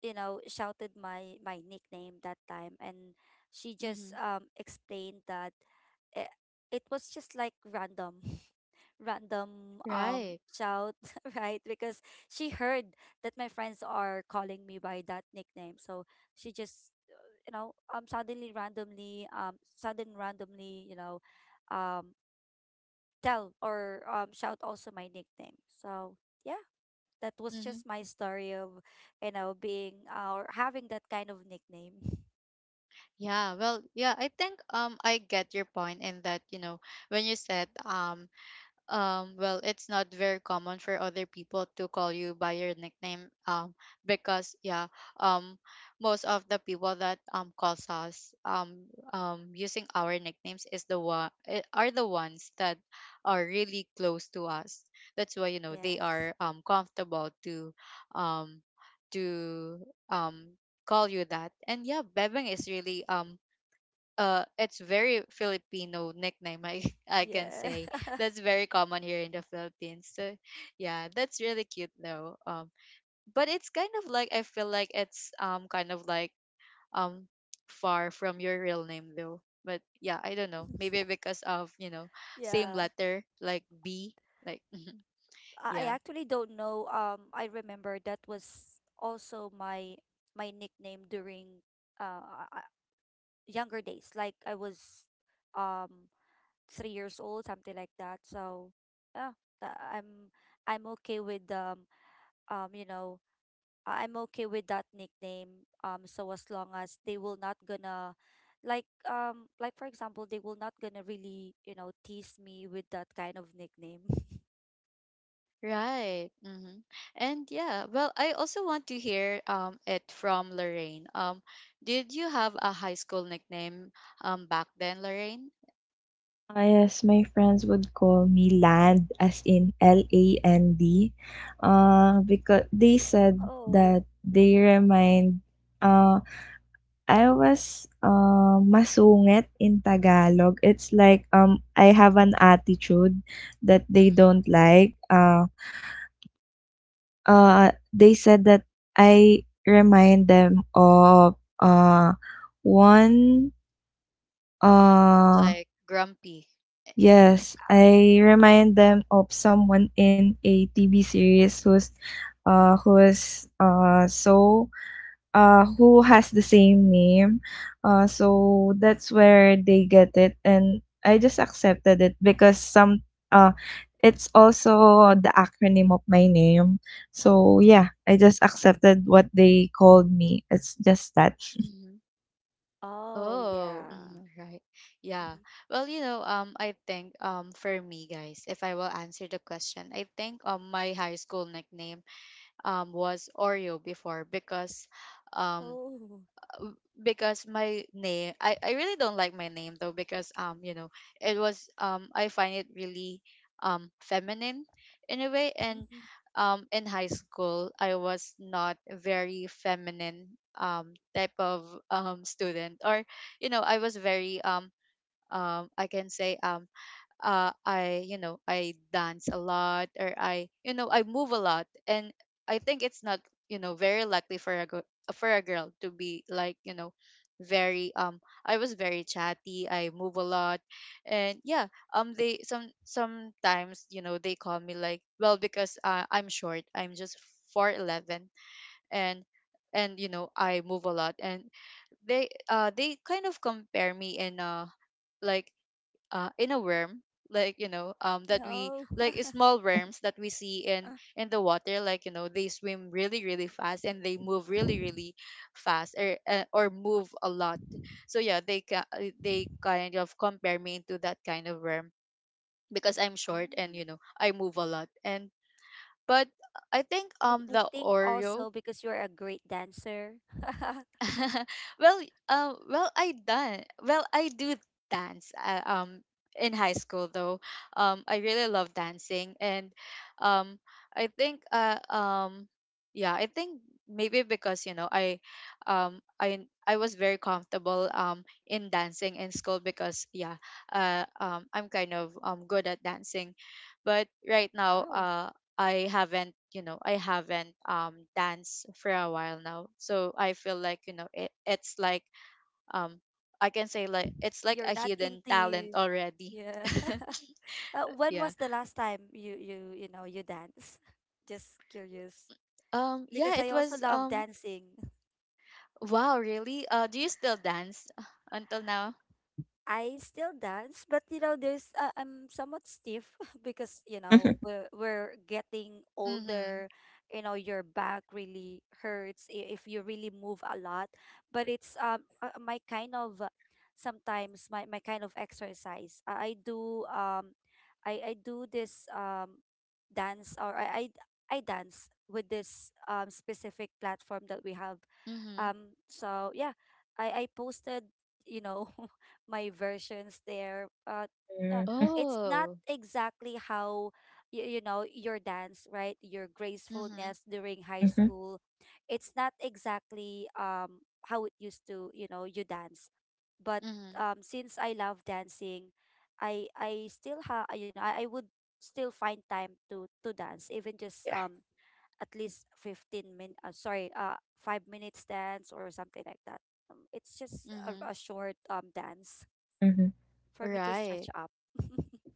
S2: you know shouted my my nickname that time. And she just
S1: Mhm.
S2: explained that it, it was just like random, <laughs> random
S1: Right.
S2: shout. <laughs> Right, because she heard that my friends are calling me by that nickname, so she just, suddenly randomly, sudden randomly, um tell or shout also my nickname. So yeah, that was
S1: Mhm.
S2: just my story of, you know, being or having that kind of nickname.
S1: Yeah. Well, yeah, I think I get your point in that, you know, when you said, it's not very common for other people to call you by your nickname. Because yeah, um, most of the people that calls us using our nicknames is the one are the ones that are really close to us. That's why you know they
S2: Yes.
S1: are comfortable to um to um call you that. And yeah, Bebeng is really it's very Filipino nickname I <laughs> I can
S2: Yeah.
S1: say
S2: <laughs>
S1: that's very common here in the Philippines. So yeah, that's really cute though. But it's kind of like I feel like it's kind of like um far from your real name though. But yeah, I don't know. Maybe because of, you know, same
S2: Yeah. i
S1: letter like B like <laughs>
S2: I
S1: yeah.
S2: actually don't know. I remember that was also my nickname during uh uh, younger days, like I was um 3 years old, something like that. So yeah, tha- I'm I'm okay with, um you know I'm okay with that nickname. So as long as they will not gonna, like, like for example, they will not gonna really, you know, tease me with that kind of nickname. <laughs>
S1: Right. And yeah, well, I also want to hear it from Lorraine. Did you have a high school nickname back then, Lorraine?
S3: Ah, yes, my friends would call me Land, as in Land, because they said
S2: Oh.
S3: that uh, I was masungit in Tagalog. It's like, I have an attitude that they
S1: Hmm
S3: don't like. They said that I remind them of one uh,
S1: Like Grumpy.
S3: Yes,
S2: Ah.
S3: I remind them of someone in a TV series uh who's uh so who has the same name. So that's where they get it, and I just accepted it because some uh it's also the acronym of my name. So yeah, I just accepted what they called me. It's just that. <laughs>
S1: Hmm
S2: Oh
S1: Oh,
S2: yeah.
S1: mhm, right.
S2: Mhm.
S1: Yeah. Well, you know, I think for me, guys, if I will answer the question, I think my high school nickname was Oreo before um
S2: Oh.
S1: because my name, I really don't like my name though because you know it was I find it really feminine in a way and
S2: Mhm.
S1: in high school I was not very feminine type of student or you know I was very I can say I you know I dance a lot or I you know I move a lot and I think it's not you know very likely for a for a girl to be like you know very I was very chatty I move a lot and yeah they sometimes you know they call me like well because I'm short I'm just 4'11 and and you know I move a lot and they kind of compare me in like in a worm like you know that we
S2: No. <laughs>
S1: like small worms that we see in the water like you know they swim really really fast and they move really really fast or move a lot so yeah they they kind of compare me to that kind of worm because I'm short and
S2: Oh.
S1: you know I move a lot and but I think
S2: I
S1: the
S2: think
S1: Oreo
S2: also because you're a great dancer. <laughs>
S1: <laughs> well, well, I done. Well, I do dance. In high school though, I really love dancing, and um, I think yeah, I think maybe because I was very comfortable in dancing in school because yeah, I'm kind of good at dancing, but right now
S2: Wow.
S1: I haven't, you know, I haven't danced for a while now. So I feel like, you know, it's like um I can say like it's like
S2: You're
S1: a
S2: not
S1: hidden talent
S2: into,
S1: already.
S2: yeah.
S1: <laughs>
S2: <laughs> Uh, when
S1: yeah.
S2: was the last time you know you dance, <laughs> just curious,
S1: Yeah,
S2: because I
S1: it
S2: also
S1: was
S2: love dancing.
S1: wow, really? Do you still dance until now?
S2: I still dance, but you know, there's I'm somewhat stiff <laughs> because you know we're getting
S1: Mhm.
S2: older. You know, your back really hurts if you really move a lot. But it's my kind of, sometimes my my kind of exercise. I do I do this dance. Or I dance with this specific platform that we have,
S1: Mhm.
S2: so yeah, I posted, you know, <laughs> my versions there. But uh, it's not
S1: Oh.
S2: exactly how you, you know your dance, right? Your
S1: Mhm.
S2: gracefulness during high school. It's not exactly how it used to, you know, you dance, but
S1: Mhm.
S2: since I love dancing, I still have, you know, I would still find time to dance even just, at least 15 min sorry 5 minutes dance or something like that. It's just
S1: Mhm.
S2: a short dance for me to stretch
S1: Right.
S2: up. <laughs>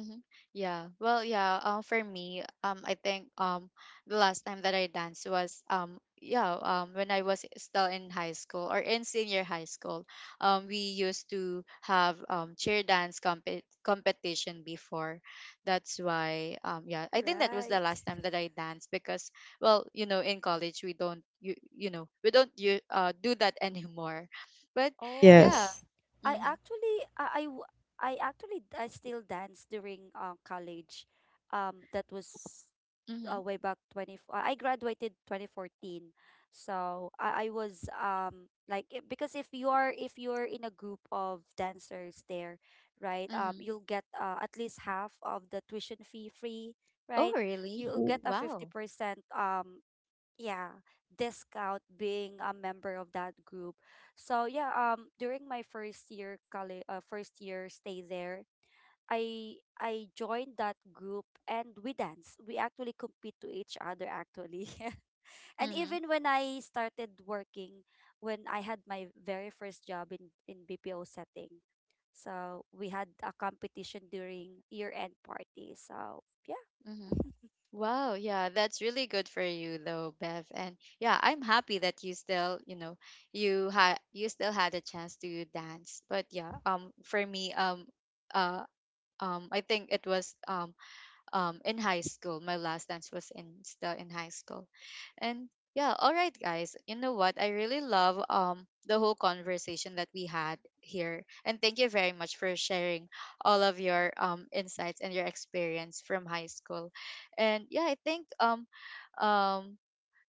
S1: Mm-hmm. Yeah. Well, yeah. For me, I think the last time that I danced was yeah, when I was still in high school or in senior high school. We used to have cheer dance competition before. That's why yeah, I think that was the
S2: Right.
S1: last time that I danced because well, you know, in college we don't you know we don't you do that <laughs> anymore. But
S2: Oh,
S1: yeah.
S2: I
S1: Mm-hmm.
S2: actually, I, I, w- I actually, I still dance during college. That was
S1: Mm-hmm.
S2: way back I graduated 2014. So I was because if you are, if you're in a group of dancers there, right?
S1: Mm-hmm.
S2: You'll get, at least half of the tuition fee free,
S1: Oh,
S2: right?
S1: really?
S2: You'll get a
S1: Wow.
S2: 50%, um yeah, discount being a member of that group. So yeah, during my first year college, first year stay there, I joined that group and we dance. We actually compete to each other actually. <laughs> And
S1: Mm-hmm.
S2: even when I started working, when I had my very first job in BPO setting, so we had a competition during year end party. So yeah, <laughs>
S1: Mm-hmm. Wow, yeah, that's really good for you though, Bev. And yeah, I'm happy that you still, you know, you still had a chance to dance. But yeah, for me, uh I think it was in high school. My last dance was in still in high school. And yeah, all right guys. You know what? I really love the whole conversation that we had here. And thank you very much for sharing all of your insights and your experience from high school. And yeah, I think um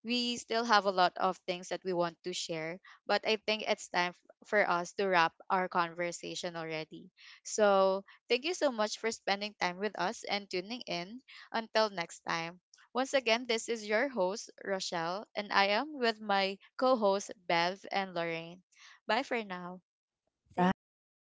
S1: we still have a lot of things that we want to share, but I think it's time for us to wrap our conversation already. So, thank you so much for spending time with us and tuning in. Until next time. Once again, this is your host, Rochelle, and I am with my co hosts, Bev and Lorraine. Bye for now.
S2: thank you. Bye.
S3: Bye.